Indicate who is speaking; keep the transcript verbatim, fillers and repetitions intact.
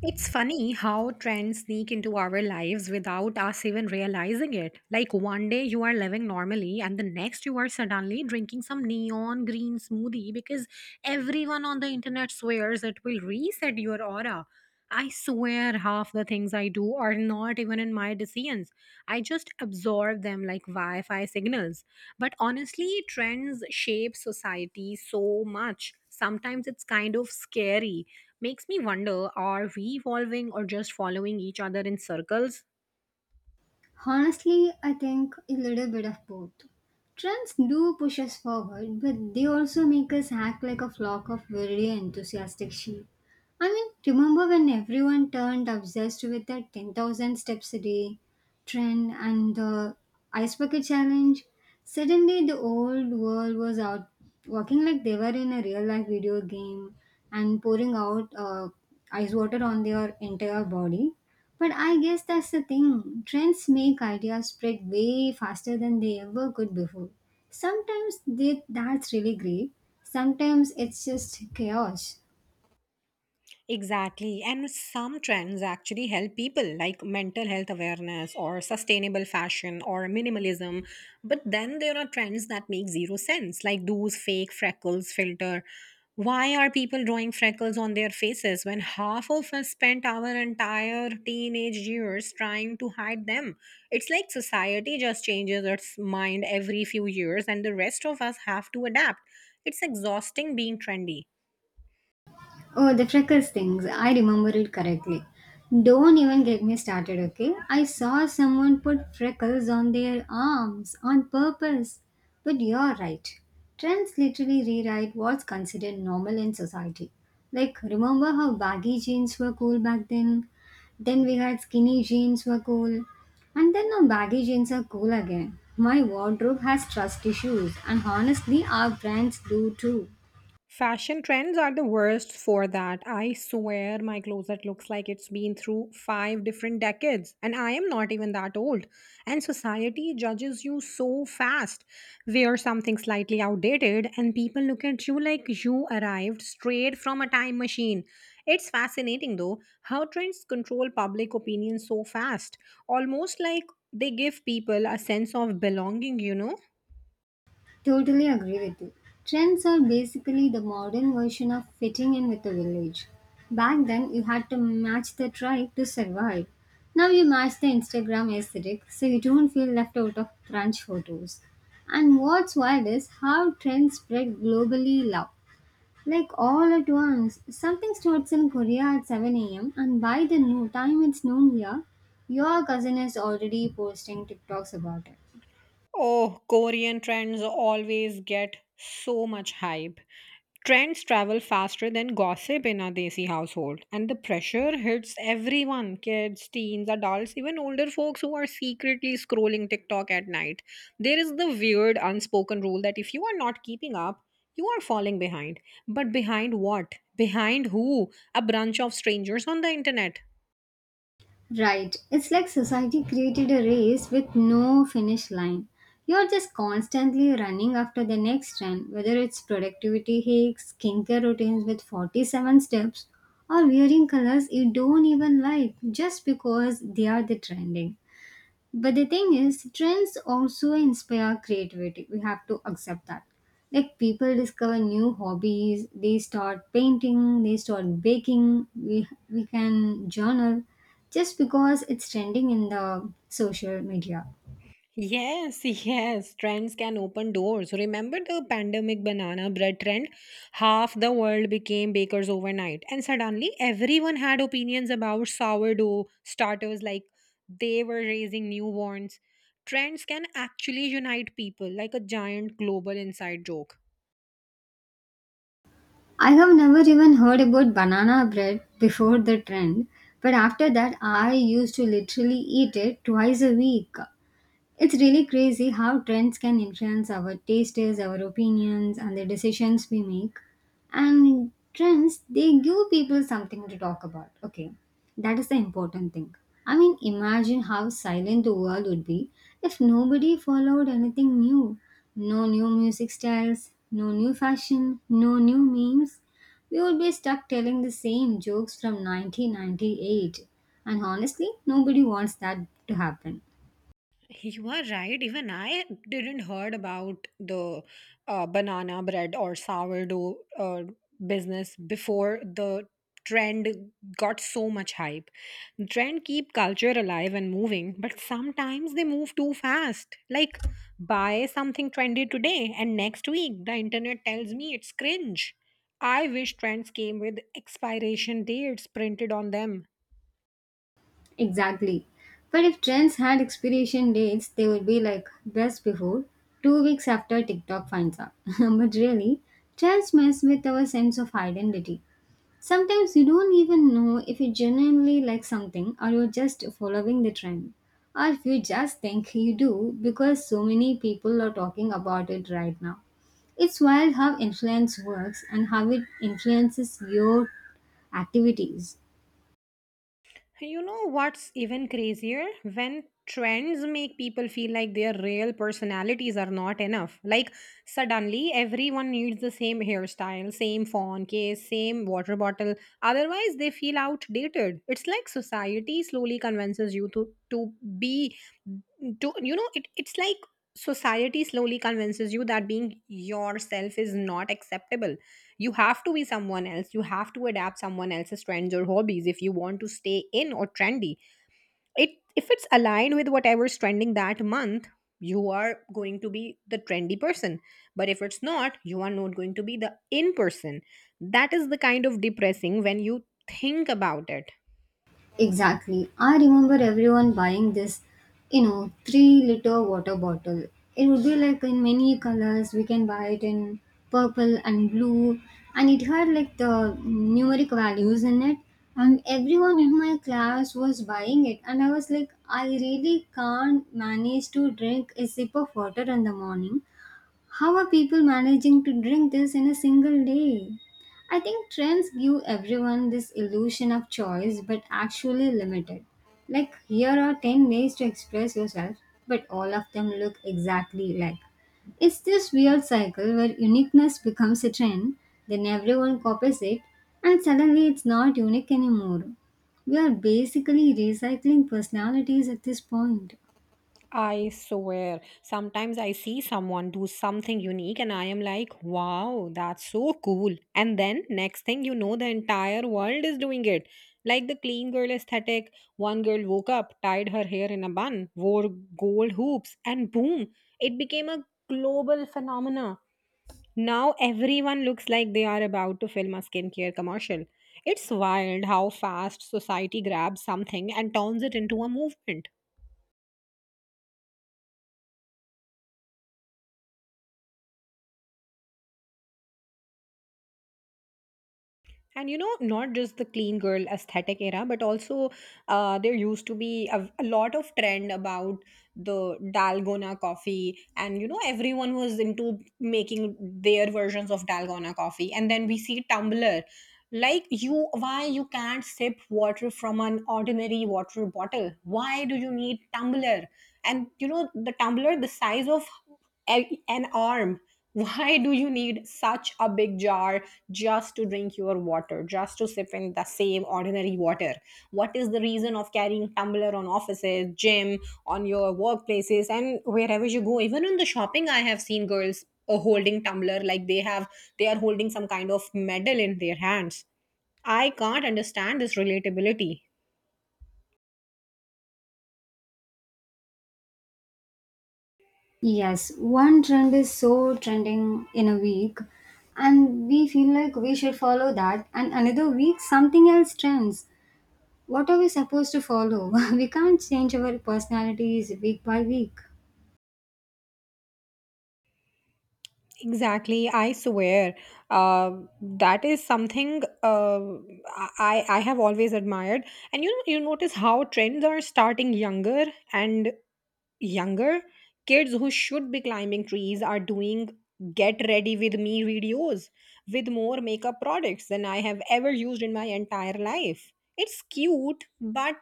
Speaker 1: It's funny how trends sneak into our lives without us even realizing it. Like one day you are living normally, and the next you are suddenly drinking some neon green smoothie because everyone on the internet swears it will reset your aura. I swear half the things I do are not even in my decisions. I just absorb them like Wi Fi signals. But honestly, trends shape society so much. Sometimes it's kind of scary. Makes me wonder, are we evolving or just following each other in circles?
Speaker 2: Honestly, I think a little bit of both. Trends do push us forward, but they also make us act like a flock of very enthusiastic sheep. I mean, remember when everyone turned obsessed with that ten thousand steps a day trend and the ice bucket challenge? Suddenly, the old world was out walking like they were in a real life video game and pouring out uh, ice water on their entire body. But I guess that's the thing. Trends make ideas spread way faster than they ever could before. Sometimes they, that's really great. Sometimes it's just chaos.
Speaker 1: Exactly. And some trends actually help people, like mental health awareness or sustainable fashion or minimalism. But then there are trends that make zero sense, like those fake freckles filter. Why are people drawing freckles on their faces when half of us spent our entire teenage years trying to hide them? It's like society just changes its mind every few years and the rest of us have to adapt. It's exhausting being trendy.
Speaker 2: Oh, the freckles things. I remember it correctly. Don't even get me started, okay? I saw someone put freckles on their arms on purpose. But you're right. Trends literally rewrite what's considered normal in society. Like, remember how baggy jeans were cool back then? Then we had skinny jeans were cool. And then now baggy jeans are cool again. My wardrobe has trust issues, and honestly, our brands do too.
Speaker 1: Fashion trends are the worst for that. I swear my closet looks like it's been through five different decades, and I am not even that old. And society judges you so fast. Wear something slightly outdated, and people look at you like you arrived straight from a time machine. It's fascinating though how trends control public opinion so fast, almost like they give people a sense of belonging, you know.
Speaker 2: Totally agree with you. Trends are basically the modern version of fitting in with the village. Back then, you had to match the tribe to survive. Now you match the Instagram aesthetic so you don't feel left out of crunch photos. And what's wild is how trends spread globally now. Like all at once, something starts in Korea at seven a m, and by the no time it's noon here, your cousin is already posting TikToks about it.
Speaker 1: Oh, Korean trends always get so much hype. Trends travel faster than gossip in a desi household, and the pressure hits everyone: kids, teens, adults, even older folks who are secretly scrolling TikTok at night. There is the weird unspoken rule that if you are not keeping up, you are falling behind. But behind what? Behind who? A bunch of strangers on the internet.
Speaker 2: Right. It's like society created a race with no finish line. You're just constantly running after the next trend, whether it's productivity hacks, skincare routines with forty-seven steps, or wearing colors you don't even like just because they are the trending. But the thing is, trends also inspire creativity. We have to accept that. Like people discover new hobbies, they start painting, they start baking, we, we can journal just because it's trending in the social media.
Speaker 1: Yes, yes, trends can open doors. Remember the pandemic banana bread trend? Half the world became bakers overnight, and suddenly everyone had opinions about sourdough starters like they were raising newborns. Trends can actually unite people like a giant global inside joke.
Speaker 2: I have never even heard about banana bread before the trend, but after that, I used to literally eat it twice a week. It's really crazy how trends can influence our tastes, our opinions, and the decisions we make. And trends, they give people something to talk about. Okay, that is the important thing. I mean, imagine how silent the world would be if nobody followed anything new. No new music styles, no new fashion, no new memes. We would be stuck telling the same jokes from nineteen ninety-eight. And honestly, nobody wants that to happen.
Speaker 1: You are right. Even I didn't heard about the uh, banana bread or sourdough uh, business before the trend got so much hype. Trend keep culture alive and moving, but sometimes they move too fast. Like buy something trendy today and next week the internet tells me it's cringe. I wish trends came with expiration dates printed on them.
Speaker 2: Exactly. But if trends had expiration dates, they would be like best before, two weeks after TikTok finds out. But really, trends mess with our sense of identity. Sometimes you don't even know if you genuinely like something or you're just following the trend. Or if you just think you do because so many people are talking about it right now. It's wild how influence works and how it influences your activities.
Speaker 1: You know what's even crazier? When trends make people feel like their real personalities are not enough. Like, suddenly everyone needs the same hairstyle, same phone case, same water bottle. Otherwise, they feel outdated. It's like society slowly convinces you to, to be, to, you know, it, it's like society slowly convinces you that being yourself is not acceptable. You have to be someone else, you have to adapt someone else's trends or hobbies if you want to stay in or trendy. It If it's aligned with whatever's trending that month, you are going to be the trendy person. But if it's not, you are not going to be the in person. That is the kind of depressing when you think about it.
Speaker 2: Exactly. I remember everyone buying this, you know, three liter water bottle. It would be like in many colors. We can buy it in purple and blue, and it had like the numeric values in it. And everyone in my class was buying it, and I was like, I really can't manage to drink a sip of water in the morning. How are people managing to drink this in a single day? I think trends give everyone this illusion of choice, but actually limited. Like, here are ten ways to express yourself, but all of them look exactly alike. It's this weird cycle where uniqueness becomes a trend, then everyone copies it, and suddenly it's not unique anymore. We are basically recycling personalities at this point.
Speaker 1: I swear, sometimes I see someone do something unique and I am like, wow, that's so cool. And then next thing you know, the entire world is doing it. Like the clean girl aesthetic, one girl woke up, tied her hair in a bun, wore gold hoops, and boom, it became a global phenomena. Now everyone looks like they are about to film a skincare commercial. It's wild how fast society grabs something and turns it into a movement. And you know, not just the clean girl aesthetic era, but also uh, there used to be a, a lot of trend about the Dalgona coffee. And you know, everyone was into making their versions of Dalgona coffee. And then we see Tumblr. Like you, why you can't sip water from an ordinary water bottle? Why do you need tumbler? And you know, the tumbler the size of a- an arm. Why do you need such a big jar just to drink your water, just to sip in the same ordinary water? What is the reason of carrying tumbler on offices, gym, on your workplaces and wherever you go? Even in the shopping, I have seen girls uh, holding tumbler like they have they are holding some kind of medal in their hands. I can't understand this relatability.
Speaker 2: Yes, one trend is so trending in a week, and we feel like we should follow that, and another week something else trends. What are we supposed to follow? We can't change our personalities week by week.
Speaker 1: Exactly, I swear. Uh, that is something uh, I I have always admired. And you know, you notice how trends are starting younger and younger. Kids who should be climbing trees are doing get ready with me videos with more makeup products than I have ever used in my entire life. It's cute, but